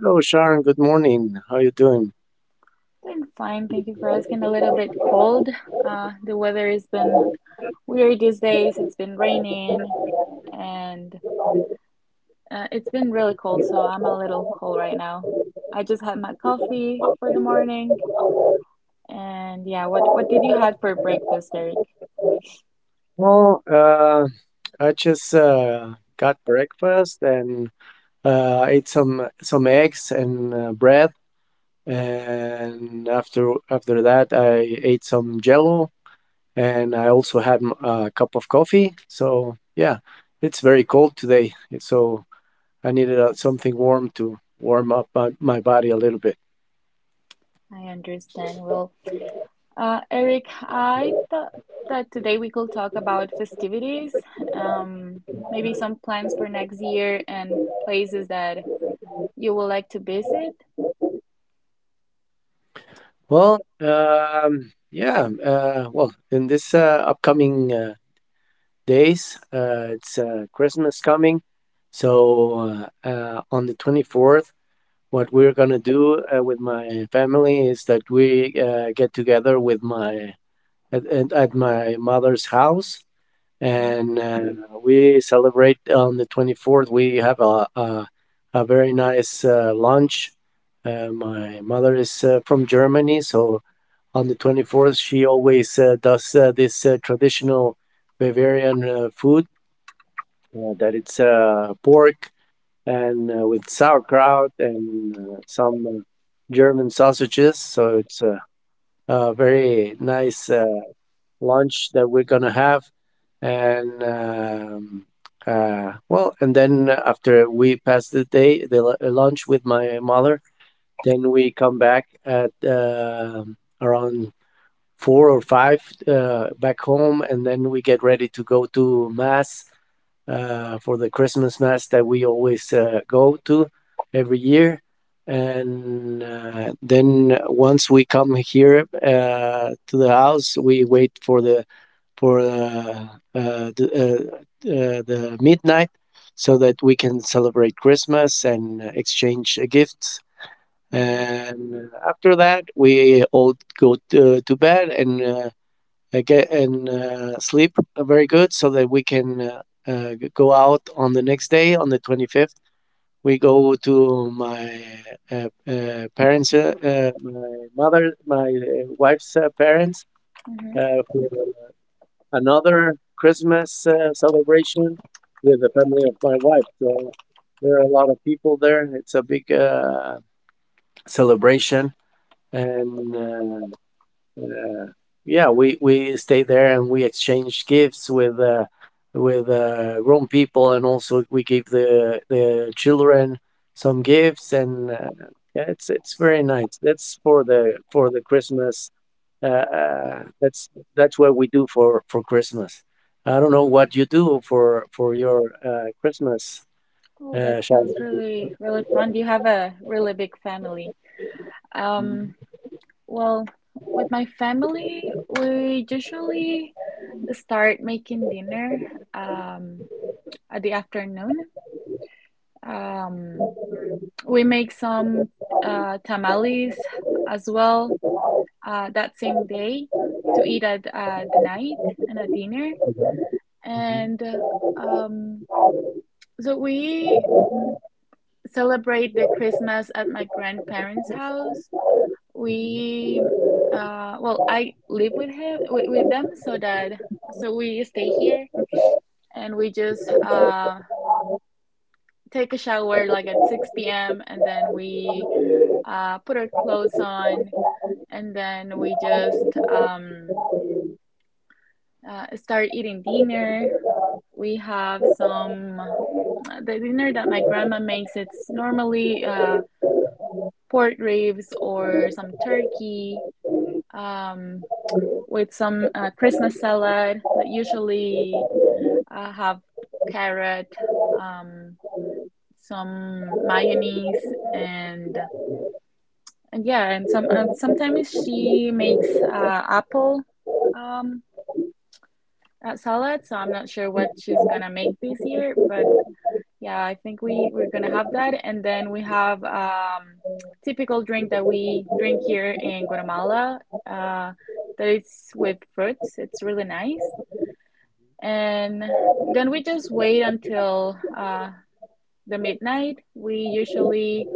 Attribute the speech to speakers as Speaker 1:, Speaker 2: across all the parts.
Speaker 1: Hello, Sharon. Good morning. How you doing?
Speaker 2: Doing fine. Thank you for asking. A little bit cold. The weather has been weird these days. It's been raining and it's been really cold, so I'm a little cold right now. I just had my coffee for the morning. And yeah, what did you have for breakfast, Eric?
Speaker 1: Well, I just got breakfast and ate some eggs and bread, and after that, I ate some Jello, and I also had a cup of coffee. So yeah, it's very cold today, so I needed something warm to warm up my body a little bit.
Speaker 2: I understand. Well, Eric, I thought that today we could talk about festivities, um, maybe some plans for next year and places that you would like to visit.
Speaker 1: Well, yeah, well, in this upcoming days. It's Christmas coming. So on the 24th, what we're going to do with my family is that we get together with my at my mother's house, and we celebrate on the 24th. We have a very nice lunch. My mother is from Germany, so on the 24th, she always does this traditional Bavarian food that it's pork and with sauerkraut and some German sausages. So it's a very nice lunch that we're gonna have. And well, and then after we pass the day, the lunch with my mother, then we come back at around four or five, back home, and then we get ready to go to mass for the Christmas mass that we always go to every year. And then once we come here to the house, we wait for for uh, uh, the, the midnight so that we can celebrate Christmas and exchange gifts.
Speaker 2: Mm-hmm.
Speaker 1: And after that, we all go to bed and get and sleep very good so that we can go out on the next day. On the 25th, we go to uh, uh, parents uh, uh, my my wife's parents
Speaker 2: Mm-hmm.
Speaker 1: for another Christmas celebration with the family of my wife. So there are a lot of people there. It's a big celebration, and uh, yeah, we stayed there and we exchanged gifts with grown people, and also we gave the children some gifts, and yeah, it's very nice. That's for the Christmas. Uh, uh, that's that's what we do for Christmas. I don't know what you do for your Christmas,
Speaker 2: Oh, that
Speaker 1: Shai.
Speaker 2: sounds really, really fun. You have a really big family. Um, well, with my family, we usually start making dinner um, at the afternoon. Um, We make some tamales as well that same day to eat at the night and at dinner.
Speaker 1: Mm-hmm.
Speaker 2: And so we celebrate the Christmas at my grandparents' house. We, well, I live with with them, so that so we stay here and we just take a shower like at 6 p.m. and then we put our clothes on and then we just start eating dinner. We have some the dinner that my grandma makes. It's normally pork ribs or some turkey um, with some Christmas salad that usually have carrot, um, some mayonnaise, and yeah, and some sometimes she makes apple um, at salad, so I'm not sure what she's gonna make this year, but yeah, I think we're gonna have that, and then we have typical drink that we drink here in Guatemala, uh, that is with fruits. It's really nice, and then we just wait until the midnight. We usually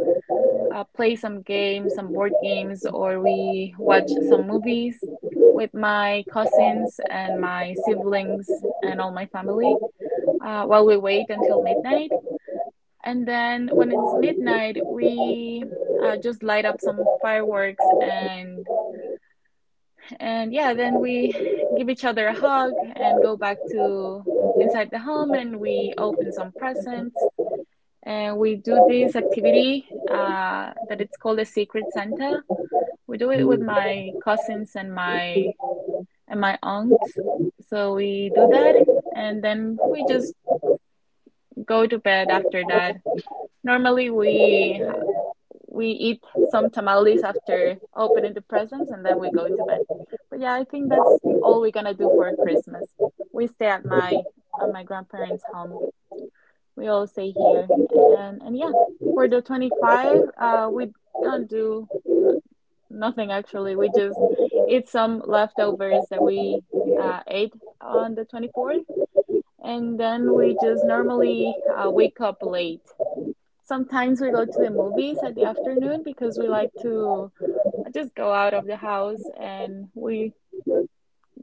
Speaker 2: play some games, some board games, or we watch some movies with my cousins and my siblings and all my family while we wait until midnight. And then when it's midnight, we just light up some fireworks and yeah, then we give each other a hug and go back to inside the home and we open some presents and we do this activity that it's called a secret Santa. We do it with
Speaker 1: hmm
Speaker 2: my cousins and my aunts. So we do that and then we just go to bed after that. Normally we eat some tamales after opening the presents and then we go to bed. But yeah, I think that's all we're gonna do for Christmas. We stay at my grandparents' home. We all stay here and yeah, for the 25, we don't do n nothing actually. We just eat some leftovers that we ate on the 24th and then we just normally wake up late. Sometimes we go to the movies at the afternoon because we like to just go out of the house and we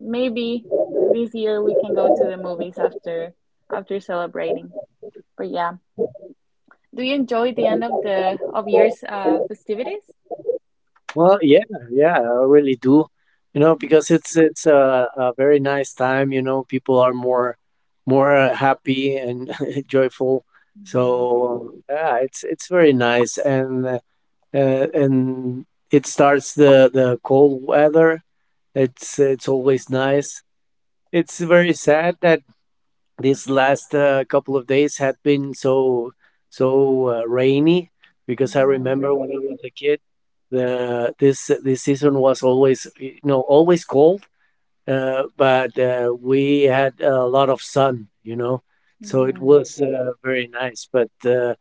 Speaker 2: maybe this year we can go to the movies after celebrating. But yeah, do you enjoy the end of the of year's festivities?
Speaker 1: Well, yeah, yeah, I really do. Because it's a very nice time. People are more happy and joyful.
Speaker 2: Mm-hmm.
Speaker 1: So yeah, it's very nice, and and it starts the cold weather. It's always nice. It's very sad that this last couple of days had been so rainy, because I
Speaker 2: Mm-hmm.
Speaker 1: remember when I was a kid, the this this season was always always cold, but we had a lot of sun, so it was very nice. But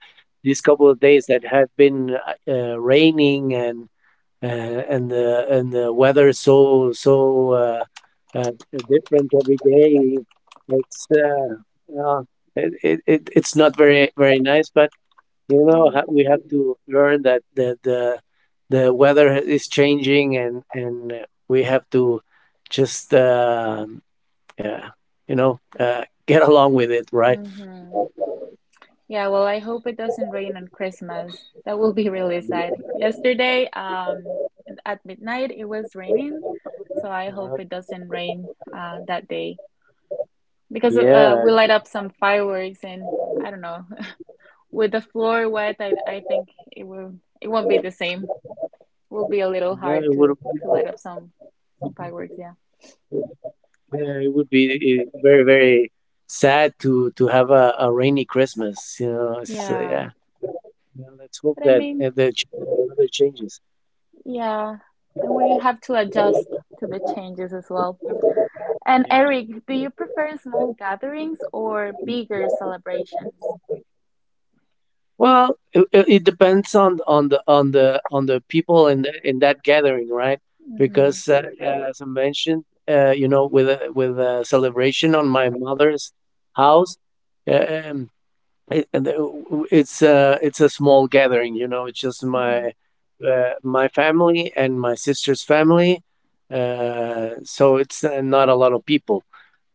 Speaker 1: these couple of days that had been raining, and the weather is so uh, different every day. It's it, it, it it's not very very nice, but
Speaker 2: Mm-hmm.
Speaker 1: we have to learn that the weather is changing, and we have to just yeah, you know uh, get along with it, right?
Speaker 2: Mm-hmm. Yeah, well, I hope it doesn't rain on Christmas. That will be really sad. Yesterday, at midnight, it was raining, so I
Speaker 1: Uh-huh.
Speaker 2: hope it doesn't rain that day because
Speaker 1: Yeah,
Speaker 2: we light up some fireworks and I don't know. With the floor wet, I think it will it won't be the same. Will be a little
Speaker 1: no, it
Speaker 2: hard
Speaker 1: would
Speaker 2: to light up some fireworks. Yeah,
Speaker 1: yeah, it would be very, very sad to have a rainy Christmas. So
Speaker 2: yeah.
Speaker 1: yeah, you let's hope
Speaker 2: But I
Speaker 1: that
Speaker 2: mean,
Speaker 1: the weather changes.
Speaker 2: yeah, and we have to adjust to the changes as well. And
Speaker 1: Yeah.
Speaker 2: Eric, do you prefer small gatherings or bigger celebrations?
Speaker 1: Well, it depends on the people in that gathering, right?
Speaker 2: Mm-hmm.
Speaker 1: Because as I mentioned, with with a celebration on my mother's house, uh, um, It and the it's a small gathering. It's just
Speaker 2: Mm-hmm.
Speaker 1: my family and my sister's family, so it's not a lot of people.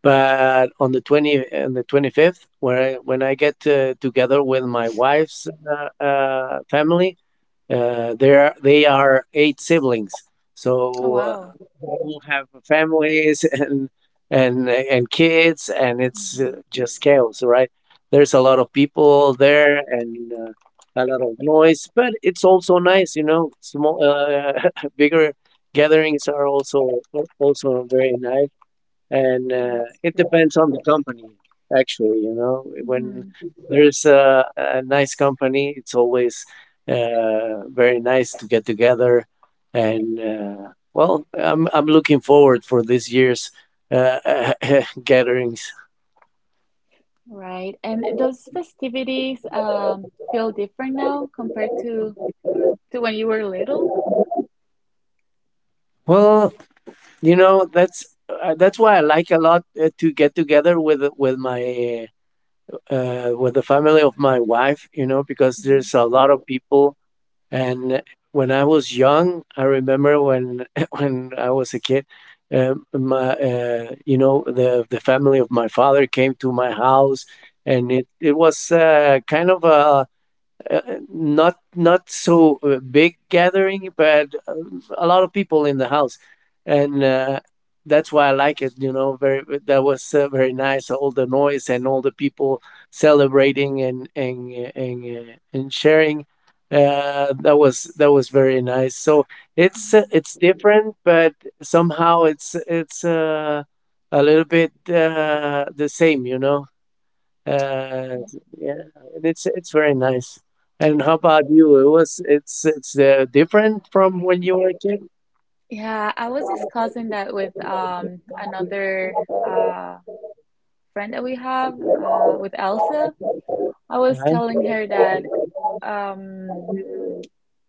Speaker 1: But on the 25th, where I when I get together with my wife's, family, they are eight siblings,
Speaker 2: Oh,
Speaker 1: so
Speaker 2: wow.
Speaker 1: all have families and kids, and it's
Speaker 2: Mm-hmm.
Speaker 1: just chaos, right? There's a lot of people there and a lot of noise, but it's also nice. Bigger gatherings are also very nice, and
Speaker 2: That's
Speaker 1: it
Speaker 2: true.
Speaker 1: depends on the company, actually. When
Speaker 2: Hmm.
Speaker 1: there's a nice company, it's always very nice to get together, and well, I'm looking forward for this year's uh, gatherings.
Speaker 2: Right. And those festivities feel different now compared to when you were little?
Speaker 1: Well, that's that's why I like a lot to get together with the family of my wife, because
Speaker 2: Mm-hmm.
Speaker 1: there's a lot of people. And when I was young, I remember when when I was a kid, my you know the family of my father came to my house, and it was kind of a uh, not so big gathering, but a lot of people in the house, and that's why I like it. You know, very that was very nice. All the noise and all the people celebrating and sharing. That was very nice. So it's uh,
Speaker 2: Mm-hmm.
Speaker 1: it's different, but somehow it's a little bit the same. You know. Uh, yeah, and it's very nice. And how about you? It was it's different from when you were a kid.
Speaker 2: Yeah, I was discussing that with another uh friend that we have with Elsa. I was
Speaker 1: Uh-huh.
Speaker 2: telling her that um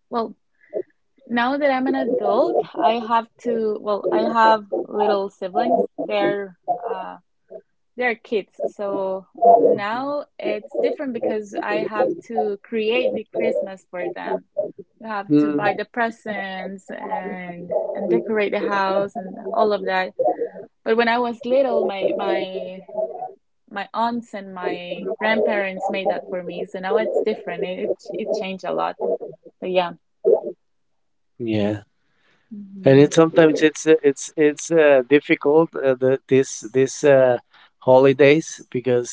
Speaker 2: well, now that I'm an adult, I have to, well, I have little siblings. Uh they're kids. So now it's different because I have to create the Christmas for them. You have to buy
Speaker 1: Mm,
Speaker 2: the presents and decorate the house and all of that. But when I was little, my aunts and my grandparents made that for me. So now it's different. It changed a lot. But yeah.
Speaker 1: yeah, and
Speaker 2: Hmm.
Speaker 1: it sometimes it's difficult the, this holidays, because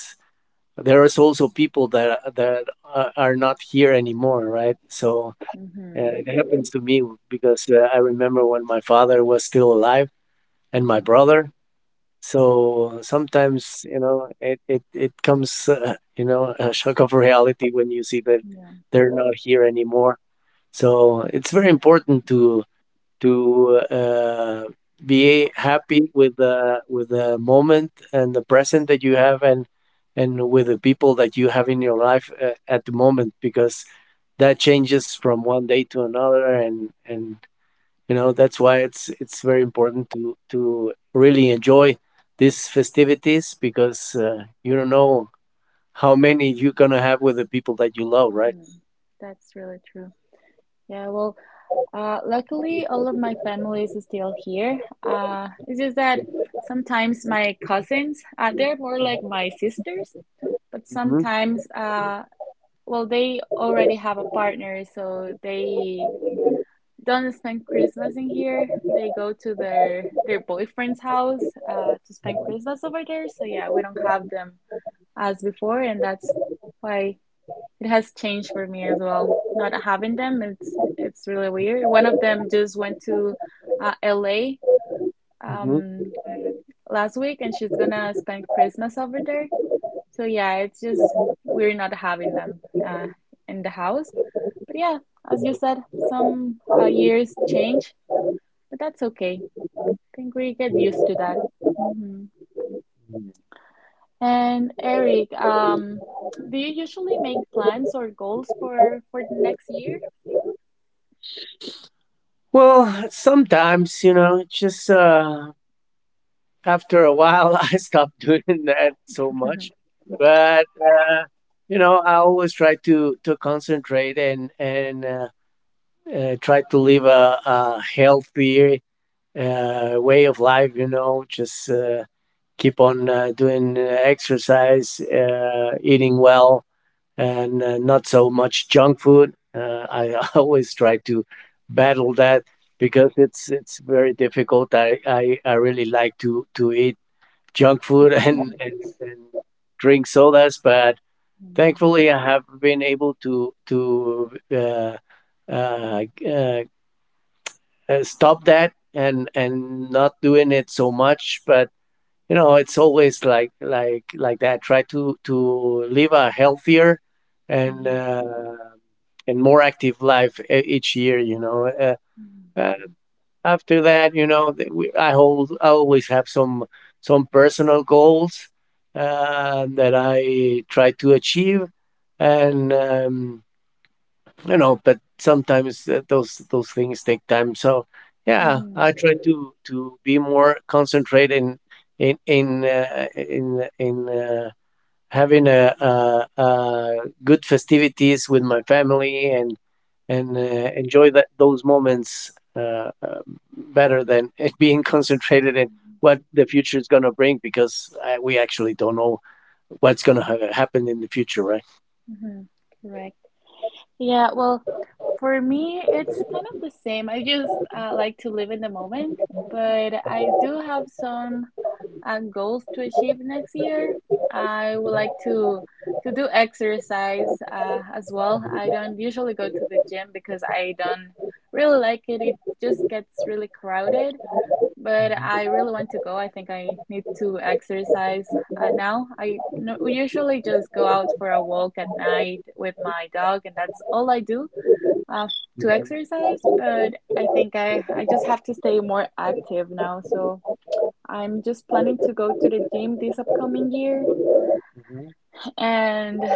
Speaker 1: there is also people that are not here anymore, right? So it happens to me because I remember when my father was still alive and my
Speaker 2: Hmm.
Speaker 1: brother. So, sometimes, it comes, a shock of reality when you see that they're not here anymore. So, it's very important to be happy with the moment and the present that you have, and with the people that you have in your life, at the moment, because that changes from one day to another, and that's why it's very important to really enjoy these festivities, because you don't know how many you're gonna have with the people that you love, right?
Speaker 2: Mhm. That's really true. Yeah, well, luckily all of my families is still here. It's just that sometimes my cousins, they're more like my sisters, but
Speaker 1: hmm
Speaker 2: sometimes, well, they already have a partner, so they don't spend Christmas in here. They go to their boyfriend's house, to spend Christmas over there. So yeah, we don't have them as before, and that's why. It has changed for me as well. Not having them, it's really weird. One of them just went to LA
Speaker 1: hmm
Speaker 2: um, last week, and she's gonna spend Christmas over there. So yeah, it's just we're not having them in the house. But yeah, as you said, some years change, but that's okay. I think we get used to that. Hmm. And Eric, do you usually make plans or goals for the next year?
Speaker 1: Well, sometimes, just after a while, I stopped doing that so much. But I always try to concentrate and try to live a healthier way of life. Just keep on doing exercise, eating well, and not so much junk food. I always try to battle that, because it's very difficult. I really like to eat junk food and drink sodas, but thankfully I have been able to uh, uh, stop that and not doing it so much. But it's always like that. Try to live a healthier and
Speaker 2: Mhm.
Speaker 1: and more active life each year. Uh, After that, you know th- we, I hold I always have some personal goals that I try to achieve and you know But sometimes those things take time, so yeah,
Speaker 2: Mm-hmm.
Speaker 1: I try to be more concentrated in having a good festivities with my family, and enjoy that those moments, better than being concentrated in what the future is going to bring, because we actually don't know what's going to happen in the future, right?
Speaker 2: Mm-hmm. Correct. Yeah, well, for me, it's kind of the same. I just like to live in the moment, but I do have some goals to achieve next year. I would like to do exercise as well. I don't usually go to the gym because I don't really like it. It just gets really crowded. But I really want to go. I think I need to exercise now. I no, usually just go out for a walk at night with my dog, and that's all I do uh, to exercise. But I think I just have to stay more active now. So I'm just planning to go to the gym this upcoming year.
Speaker 1: Mhm,
Speaker 2: And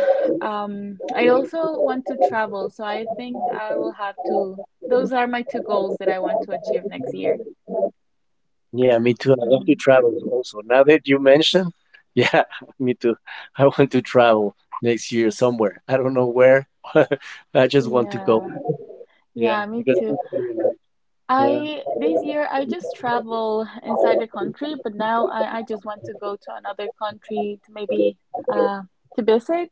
Speaker 2: I also want to travel. So I think I will have to, those are my two goals that I want to achieve next year.
Speaker 1: mhm. Yeah, me too. I love to
Speaker 2: Mhm.
Speaker 1: travel also. Now that you mention, yeah, me too. I want to travel next year somewhere. I don't know where. I just want to go.
Speaker 2: Yeah.
Speaker 1: Yeah,
Speaker 2: Yeah, me
Speaker 1: because
Speaker 2: too.
Speaker 1: it's very nice.
Speaker 2: I this year I just travel inside the country, but now I just want to go to another country to maybe uh, to visit.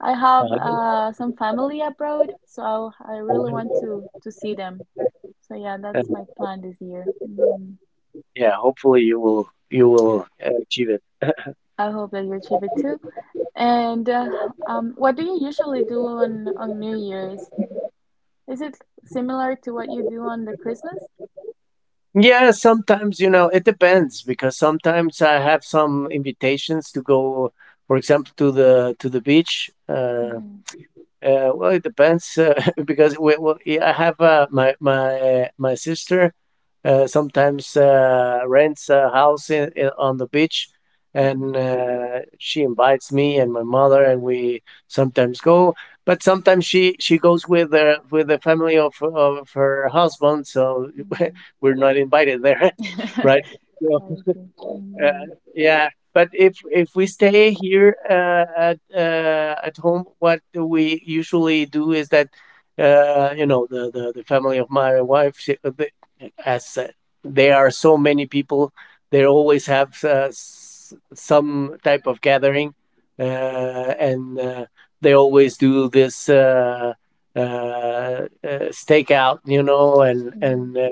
Speaker 2: I
Speaker 1: uh,
Speaker 2: have
Speaker 1: uh,
Speaker 2: some family abroad, so I really want to see them. So yeah,
Speaker 1: and
Speaker 2: that's my plan this year. Mhm.
Speaker 1: yeah, hopefully you will achieve it.
Speaker 2: I hope that you achieve it too. And what do you usually do on New Year's? Is it similar to what you do on the Christmas?
Speaker 1: Yeah, sometimes, it depends, because sometimes I have some invitations to go, for example, to the beach. Uh,
Speaker 2: Hmm.
Speaker 1: Uh, well, it depends, because yeah, I have my sister sometimes rents a house on the beach, and she invites me and my mother, and we sometimes go. But sometimes she goes with the family of her husband, so
Speaker 2: Hmm.
Speaker 1: we're not invited there, right? So
Speaker 2: I see.
Speaker 1: yeah, but if we stay here at home, what do we usually do is that the family of my wife, as there are so many people, they always have some type of gathering, and they always do this uh, uh, stakeout, you know, and
Speaker 2: Hmm.
Speaker 1: and uh,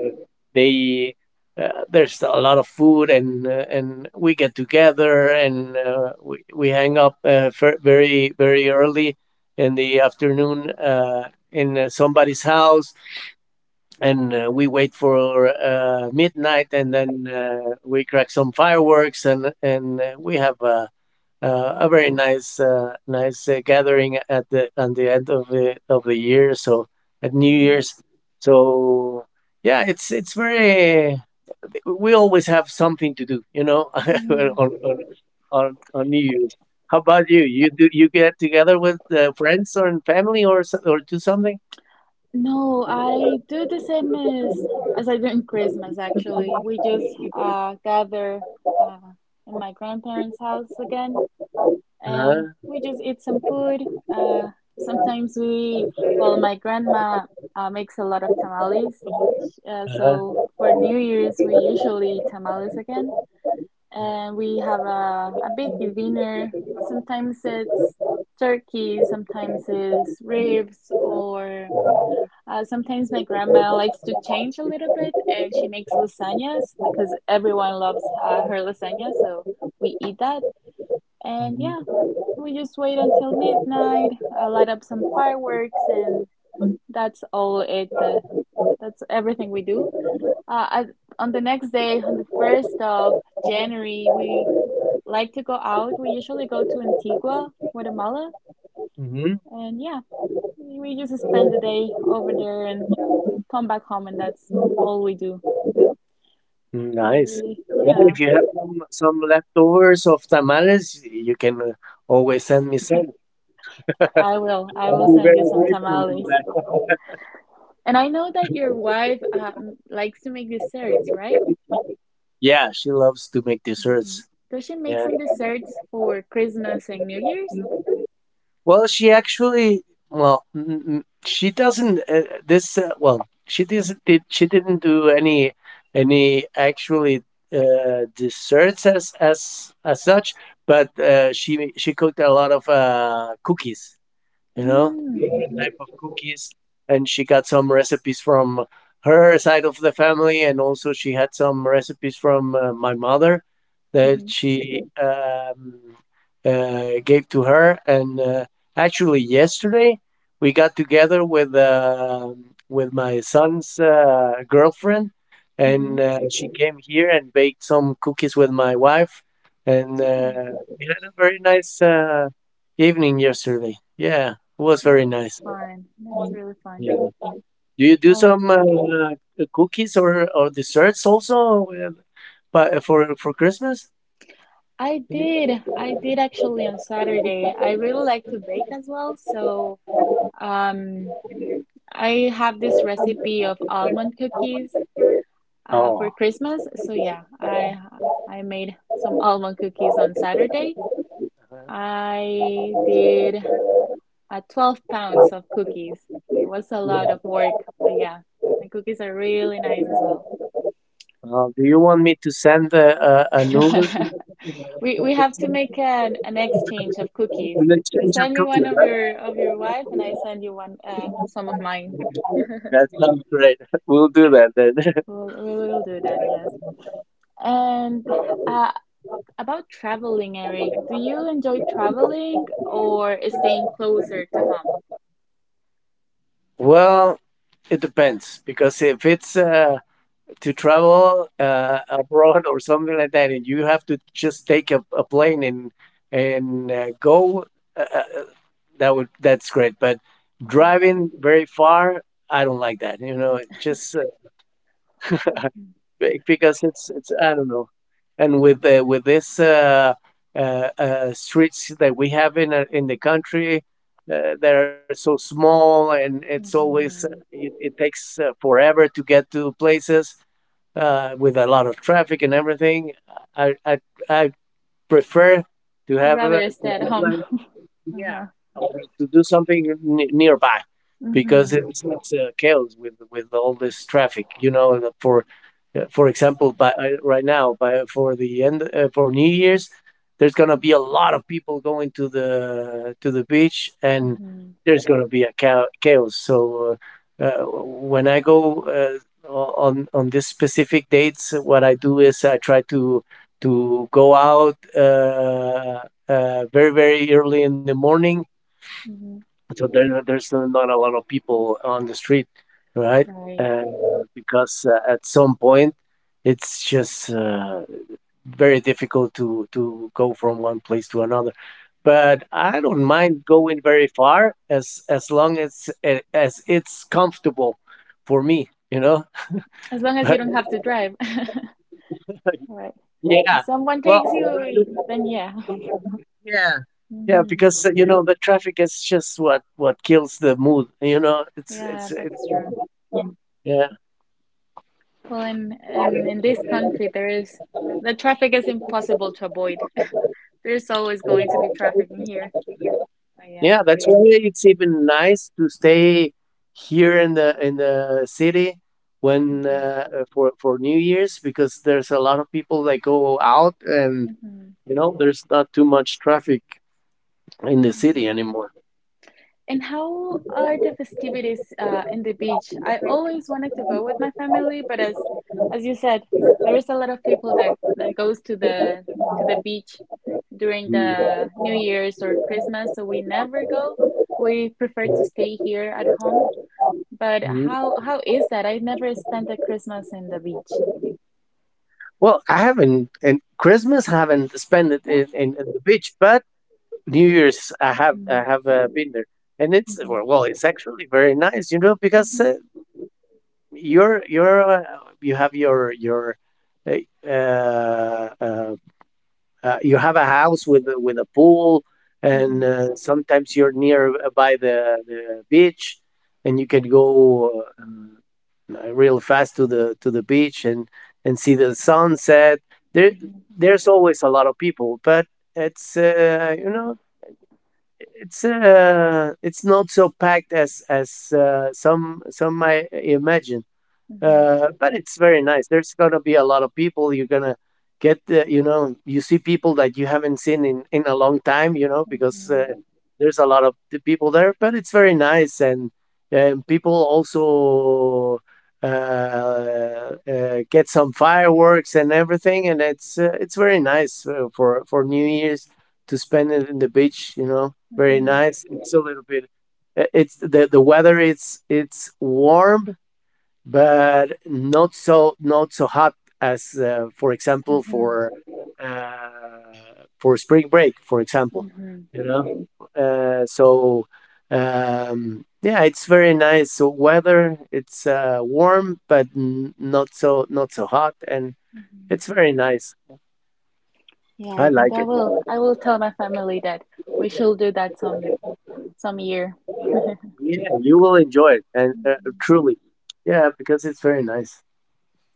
Speaker 1: they there's a lot of food and and we get together and we hang up very early in the afternoon in somebody's house, and we wait for midnight, and then we crack some fireworks, and we have a very nice gathering at the on the end of the year, so at New
Speaker 2: Mhm,
Speaker 1: Year's. So yeah, we always have something to do, you know, on,
Speaker 2: mhm.
Speaker 1: on on New Year's. How about you? Do you get together with friends or family or do something?
Speaker 2: No, I do the same as I do in Christmas actually. We just gather uh in my grandparents' house again and
Speaker 1: Uh-huh,
Speaker 2: we just eat some food. Uh sometimes we well my grandma makes a lot of tamales. Sh- Uh,
Speaker 1: uh-huh.
Speaker 2: so for New Year's we usually eat tamales again and we have a big dinner. Sometimes it's turkey, sometimes it's ribs or sometimes my grandma likes to change a little bit and she makes lasagnas because everyone loves her lasagna, so we eat that. And yeah,
Speaker 1: Mm-hmm.
Speaker 2: we just wait until midnight, light up some fireworks, and that's all it. That's everything we do. Uh, I, on the next day, on the 1st of January, we like to go out. We usually go to Antigua, Guatemala,
Speaker 1: Mm-hmm.
Speaker 2: and yeah, we just spend the day over there and come back home and that's all we do.
Speaker 1: Nice.
Speaker 2: We,
Speaker 1: Well,
Speaker 2: yeah,
Speaker 1: if you have some leftovers of tamales, you can always send me some.
Speaker 2: I will
Speaker 1: I'll be
Speaker 2: send you
Speaker 1: very
Speaker 2: some
Speaker 1: grateful for
Speaker 2: tamales.
Speaker 1: that.
Speaker 2: And I know that your wife likes to make desserts, right?
Speaker 1: Yeah, she loves to make
Speaker 2: Hmm.
Speaker 1: desserts.
Speaker 2: Does she make
Speaker 1: Yeah.
Speaker 2: some desserts for Christmas and New Year's?
Speaker 1: Well, she actually, well, she doesn't. This, well, she didn't do any actually desserts as such, but she cooked a lot of cookies, you know, different
Speaker 2: Mm-hmm,
Speaker 1: type of cookies. And she got some recipes from her side of the family, and also she had some recipes from my mother that
Speaker 2: hmm
Speaker 1: she gave to her. And actually, yesterday we got together with my son's girlfriend, and
Speaker 2: hmm.
Speaker 1: uh, she came here and baked some cookies with my wife, and
Speaker 2: Yeah.
Speaker 1: uh, we had a very nice evening yesterday. Yeah. It was
Speaker 2: Oh,
Speaker 1: very
Speaker 2: that's
Speaker 1: nice.
Speaker 2: fun. That's really fun.
Speaker 1: Yeah. Do you do
Speaker 2: Uh,
Speaker 1: some cookies or desserts also, but for Christmas?
Speaker 2: I
Speaker 1: Yeah.
Speaker 2: did. I did actually on Saturday. I really like to bake as well, so um, I have this recipe of almond cookies for
Speaker 1: Oh.
Speaker 2: Christmas. So yeah, I made some almond cookies on Saturday. I did 12 pounds of cookies. It was a lot of work, but yeah, the cookies are really nice as well.
Speaker 1: Do you want me to send a an Uber to
Speaker 2: We have to make an exchange of cookies.
Speaker 1: an
Speaker 2: You
Speaker 1: exchange of
Speaker 2: send me one
Speaker 1: cookies, right?
Speaker 2: of your wife, and I send you one some of mine.
Speaker 1: That sounds great. We'll do that then.
Speaker 2: We'll, we will do that, yes. And uh, about traveling, Eric, do you enjoy traveling or staying closer to home?
Speaker 1: Well, it depends, because if it's to travel abroad or something like that, and you have to just take a plane and go. Uh, uh, uh, that's great, but
Speaker 2: Mm-hmm.
Speaker 1: driving very far, I don't like that. You know, it just because it's I don't know, and with this streets that we have in the country. That are so small, and it's always uh,
Speaker 2: Mm-hmm.
Speaker 1: it, it takes forever to get to places with a lot of traffic and everything. I I, I prefer to have a,
Speaker 2: Rather stay at home.
Speaker 1: yeah,
Speaker 2: Uh-huh.
Speaker 1: or to do something nearby, because
Speaker 2: Mm-hmm.
Speaker 1: it's chaos with all this traffic. You know, and for example, by right now, by for the end, for New Year's, there's gonna be a lot of people going to the beach, and
Speaker 2: Mm-hmm.
Speaker 1: there's gonna be chaos. So when I go on these specific dates, what I do is I try to go out. Very very early in the morning,
Speaker 2: Mm-hmm.
Speaker 1: so there's not a lot of people on the street, right?
Speaker 2: Right?
Speaker 1: Uh, because at some point, it's just very difficult to go from one place to another. But I don't mind going very far as long as, as it's comfortable for me, you know.
Speaker 2: As long as you
Speaker 1: But
Speaker 2: don't have to drive. Right. If
Speaker 1: yeah,
Speaker 2: someone
Speaker 1: well,
Speaker 2: takes you, then yeah.
Speaker 1: yeah. Yeah,
Speaker 2: Mm-hmm.
Speaker 1: because you know, the traffic is just what kills the mood. You know,
Speaker 2: Yeah,
Speaker 1: it's it
Speaker 2: that's true.
Speaker 1: yeah,
Speaker 2: Well, in this country, there is the traffic is impossible to avoid. There's always going to be traffic in here. But yeah.
Speaker 1: yeah, that's yeah, why it's even nice to stay here in the city, when
Speaker 2: Mm-hmm.
Speaker 1: for New Year's, because there's a lot of people that go out, and
Speaker 2: Mm-hmm.
Speaker 1: you know, there's not too much traffic in the city
Speaker 2: Mm-hmm.
Speaker 1: anymore.
Speaker 2: And how are the festivities in the beach? I always wanted to go with my family, but as you said, there is a lot of people that goes to the beach during
Speaker 1: Mm.
Speaker 2: the New Year's or Christmas, so we never go. We prefer to stay here at home. But
Speaker 1: Mhm.
Speaker 2: how is that? I never spent a Christmas in the beach.
Speaker 1: Well, I haven't, and Christmas haven't spent it
Speaker 2: No.
Speaker 1: in the beach, but New Year's I have. I
Speaker 2: Mm,
Speaker 1: have uh, been there, and it's,
Speaker 2: mhm,
Speaker 1: well, it's actually very nice, you know, because
Speaker 2: mhm,
Speaker 1: you're you're uh, you have your your uh, uh, uh, you have a house with a pool, and
Speaker 2: mhm,
Speaker 1: uh, sometimes you're near, by the beach, and you can go real fast to the beach and see the sunset. There there's always a lot of people, but it's you know it's not so packed as some might imagine,
Speaker 2: mhm,
Speaker 1: but it's very nice. There's gonna be a lot of people. You're gonna get the, you know, you see people that you haven't seen in a long time, you know, because
Speaker 2: mhm,
Speaker 1: there's a lot of the people there. But it's very nice, and people also get some fireworks and everything, and it's very nice, for New Year's, to spend it in the beach. You know, very
Speaker 2: mhm,
Speaker 1: nice. It's a little bit. It's the weather. It's warm, but not so hot as, for example,
Speaker 2: mhm,
Speaker 1: uh, for spring break, for example,
Speaker 2: mhm, mhm,
Speaker 1: you know. uh, so yeah, it's very nice. So, weather, it's warm but not so hot, and
Speaker 2: mhm.
Speaker 1: it's very nice.
Speaker 2: Yeah,
Speaker 1: I
Speaker 2: I think
Speaker 1: like
Speaker 2: I
Speaker 1: it.
Speaker 2: will. I will tell my family that we shall do that some year.
Speaker 1: Yeah, you will enjoy it, and
Speaker 2: Mhm.
Speaker 1: truly, yeah, because it's very nice,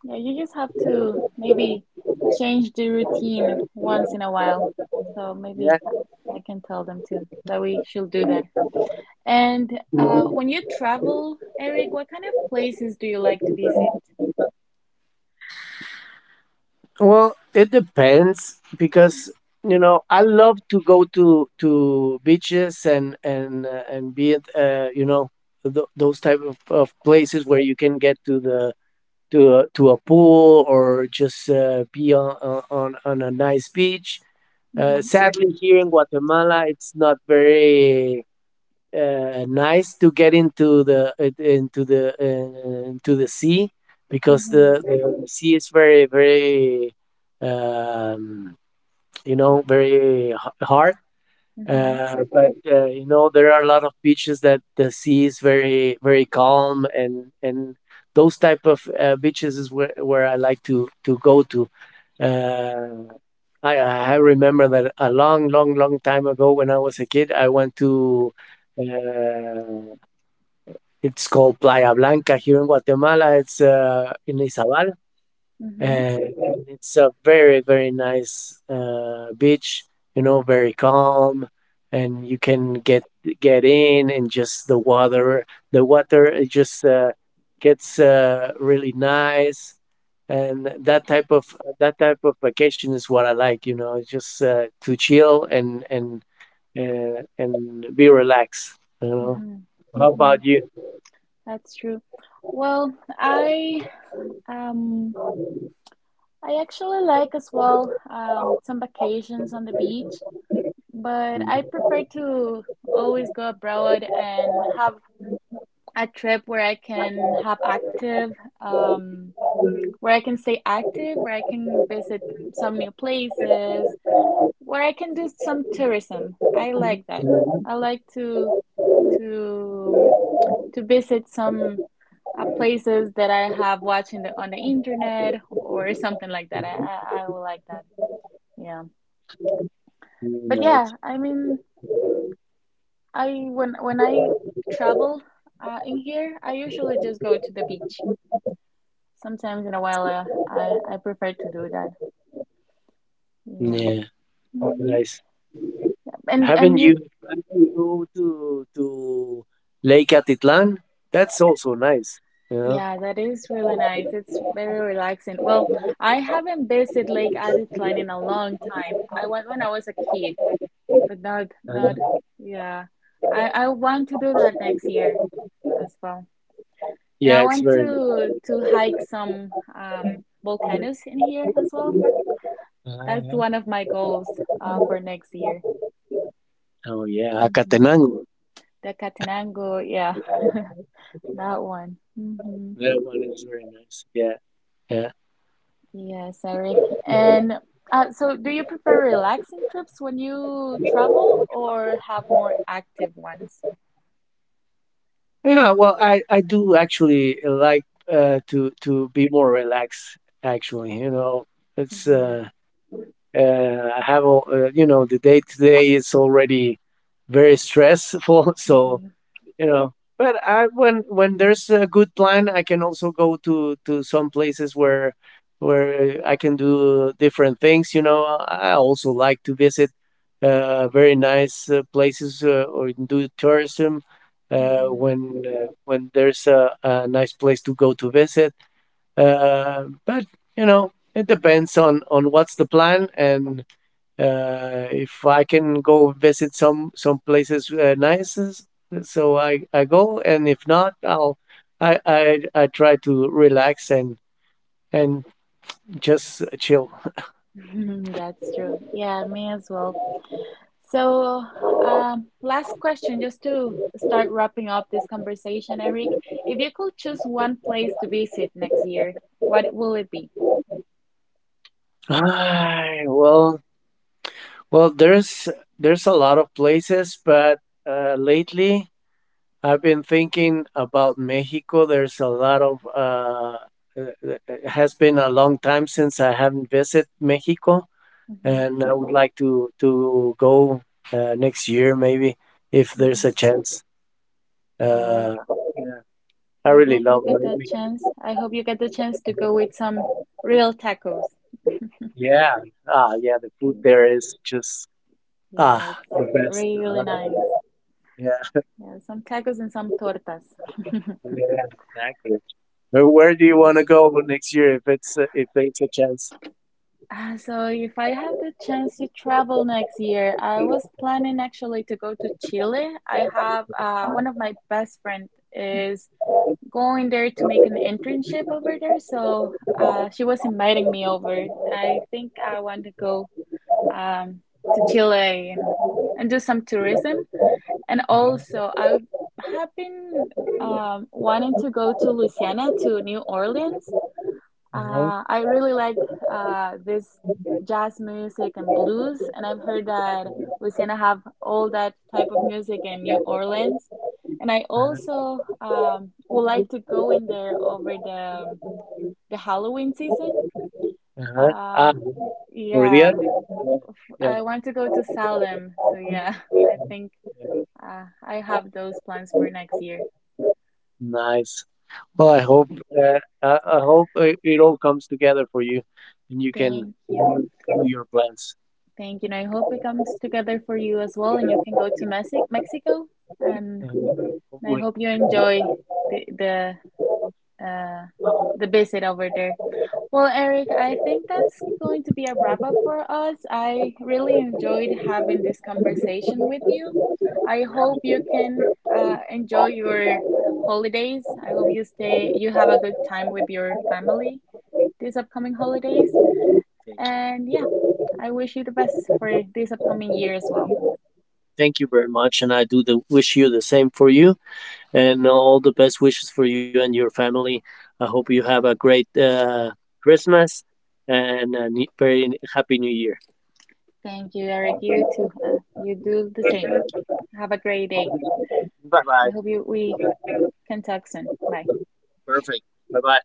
Speaker 2: Yeah, you just have to maybe change the routine once in a while. So maybe
Speaker 1: yeah.
Speaker 2: I can tell them too that we should do that. And when you travel, Eric, what kind of places do you like to visit?
Speaker 1: Well, it depends, because, you know, I love to go to beaches, and be at, those type of places where you can get to a pool, or just be on a nice beach.
Speaker 2: Mm-hmm.
Speaker 1: Sadly, here in Guatemala, it's not very nice to get into the sea, because
Speaker 2: Mm-hmm.
Speaker 1: the sea is very very, um, very hard,
Speaker 2: Mm-hmm.
Speaker 1: but you know, there are a lot of beaches that the sea is very, very calm, and those type of beaches is where I like to go to. Uh, I remember that a long, long, long time ago when I was a kid, I went to, uh, it's called Playa Blanca here in Guatemala. It's in Izabal,
Speaker 2: Mm-hmm.
Speaker 1: and it's a very very nice beach, you know, very calm, and you can get in, and just the water it just gets really nice, and that type of vacation is what I like, you know. It's just to chill and be relaxed, you know.
Speaker 2: Mm-hmm.
Speaker 1: How
Speaker 2: Mm-hmm.
Speaker 1: about you?
Speaker 2: That's true. Well, I um. I actually like as well some vacations on the beach, but I prefer to always go abroad and have a trip where I can have um, where I can stay active, where I can visit some new places, where I can do some tourism. I like that. I like to to visit some places that I have watching the, on the internet or something like that. I will like that. Yeah. But
Speaker 1: Nice.
Speaker 2: yeah, I mean, I when I travel in here, I usually just go to the beach. Sometimes in a while, I prefer to do that. Yeah.
Speaker 1: Yeah.
Speaker 2: hmm
Speaker 1: Nice.
Speaker 2: And
Speaker 1: Haven't
Speaker 2: and you,
Speaker 1: you? We go to Lake Atitlan. That's also nice, you know.
Speaker 2: yeah, that is really nice. It's very relaxing. Well, I haven't visited Lake Atitlan in a long time. I went when I was a kid, but not not
Speaker 1: Uh,
Speaker 2: yeah. I want to do that next year as well. And
Speaker 1: yeah,
Speaker 2: I
Speaker 1: it's
Speaker 2: want
Speaker 1: very nice.
Speaker 2: to hike some volcanoes in here as well.
Speaker 1: I
Speaker 2: That's
Speaker 1: have.
Speaker 2: one of my goals for next year.
Speaker 1: Oh yeah,
Speaker 2: hmm
Speaker 1: Acatenango.
Speaker 2: The Katenango, yeah,
Speaker 1: Yeah,
Speaker 2: that one.
Speaker 1: that one is very nice. Yeah, yeah,
Speaker 2: Yes, Eric. And do you prefer relaxing trips when you travel or have more active ones?
Speaker 1: yeah. Well, I do actually like to be more relaxed. Actually, you know, it's
Speaker 2: hmm
Speaker 1: I have all, you know the day to day is already very stressful, so,
Speaker 2: hmm
Speaker 1: you know, but I, when there's a good plan, I can also go to some places where I can do different things, you know. I also like to visit, very nice places, or do tourism, when there's a nice place to go to visit, but you know, it depends on what's the plan, and if I can go visit some places, nice, so I go, and if not, I'll I try to relax and just chill.
Speaker 2: hmm That's true. Yeah, me as well. So, last question, just to start wrapping up this conversation, Eric. If you could choose one place to visit next year, what will it be?
Speaker 1: Ay, well, well, there's there's a lot of places, but lately I've been thinking about Mexico. There's a lot of It has been a long time since I haven't visited Mexico,
Speaker 2: hmm
Speaker 1: and I would like to go next year, maybe, if there's
Speaker 2: hmm
Speaker 1: a chance. Uh,
Speaker 2: Well,
Speaker 1: yeah, I
Speaker 2: I
Speaker 1: really
Speaker 2: hope you
Speaker 1: love
Speaker 2: get that
Speaker 1: Norway.
Speaker 2: chance. I hope you get the chance to go with some real tacos.
Speaker 1: Yeah, ah, yeah, the food
Speaker 2: Mm,
Speaker 1: there is just, ah,
Speaker 2: yeah, it's
Speaker 1: the best.
Speaker 2: really, really nice.
Speaker 1: Yeah,
Speaker 2: Yeah, some tacos and some tortas.
Speaker 1: yeah, exactly. Where do you
Speaker 2: Right.
Speaker 1: want to go next year, if there's a chance?
Speaker 2: Ah, so, if I have the chance to travel next year, I was planning actually to go to Chile. I have one of my best friend is going there to make an internship over there. So, she was inviting me over. I think I want to go um, to Chile and do some tourism. And
Speaker 1: Uh-huh,
Speaker 2: also, I have been wanting to go to Louisiana, to New Orleans.
Speaker 1: uh-huh,
Speaker 2: I really like this jazz music and blues, and I've heard that Louisiana have all that type of music in New Orleans. And I
Speaker 1: uh-huh,
Speaker 2: also would like to go in there over the Halloween season.
Speaker 1: uh-huh. Ah,
Speaker 2: Uh,
Speaker 1: for the
Speaker 2: yeah,
Speaker 1: other, yeah, yeah,
Speaker 2: I want to go to Salem. So yeah, I think I have those plans for next year.
Speaker 1: nice. Well, I
Speaker 2: Yeah.
Speaker 1: hope uh, I, I hope it all comes together for you, and you can
Speaker 2: Thank you.
Speaker 1: do your plans.
Speaker 2: Thank you. And I hope it comes together for you as well, and you can go to Mexico. And.
Speaker 1: Uh,
Speaker 2: I
Speaker 1: Hopefully.
Speaker 2: hope you enjoy the uh, the visit over there. Well, Eric, I think that's going to be a wrap up for us. I really enjoyed having this conversation with you. I hope you can enjoy your holidays. I hope you have a good time with your family these upcoming holidays.
Speaker 1: Thank you.
Speaker 2: And yeah, I wish you the best for this upcoming year as well.
Speaker 1: Thank you very much, and I wish you the same for you, and all the best wishes for you and your family. I hope you have a great Christmas, and a very happy New Year.
Speaker 2: Thank you, Eric. You too. You do the same. Have a great day.
Speaker 1: Bye
Speaker 2: I
Speaker 1: bye.
Speaker 2: hope you we can talk soon. Bye.
Speaker 1: Perfect. Bye bye.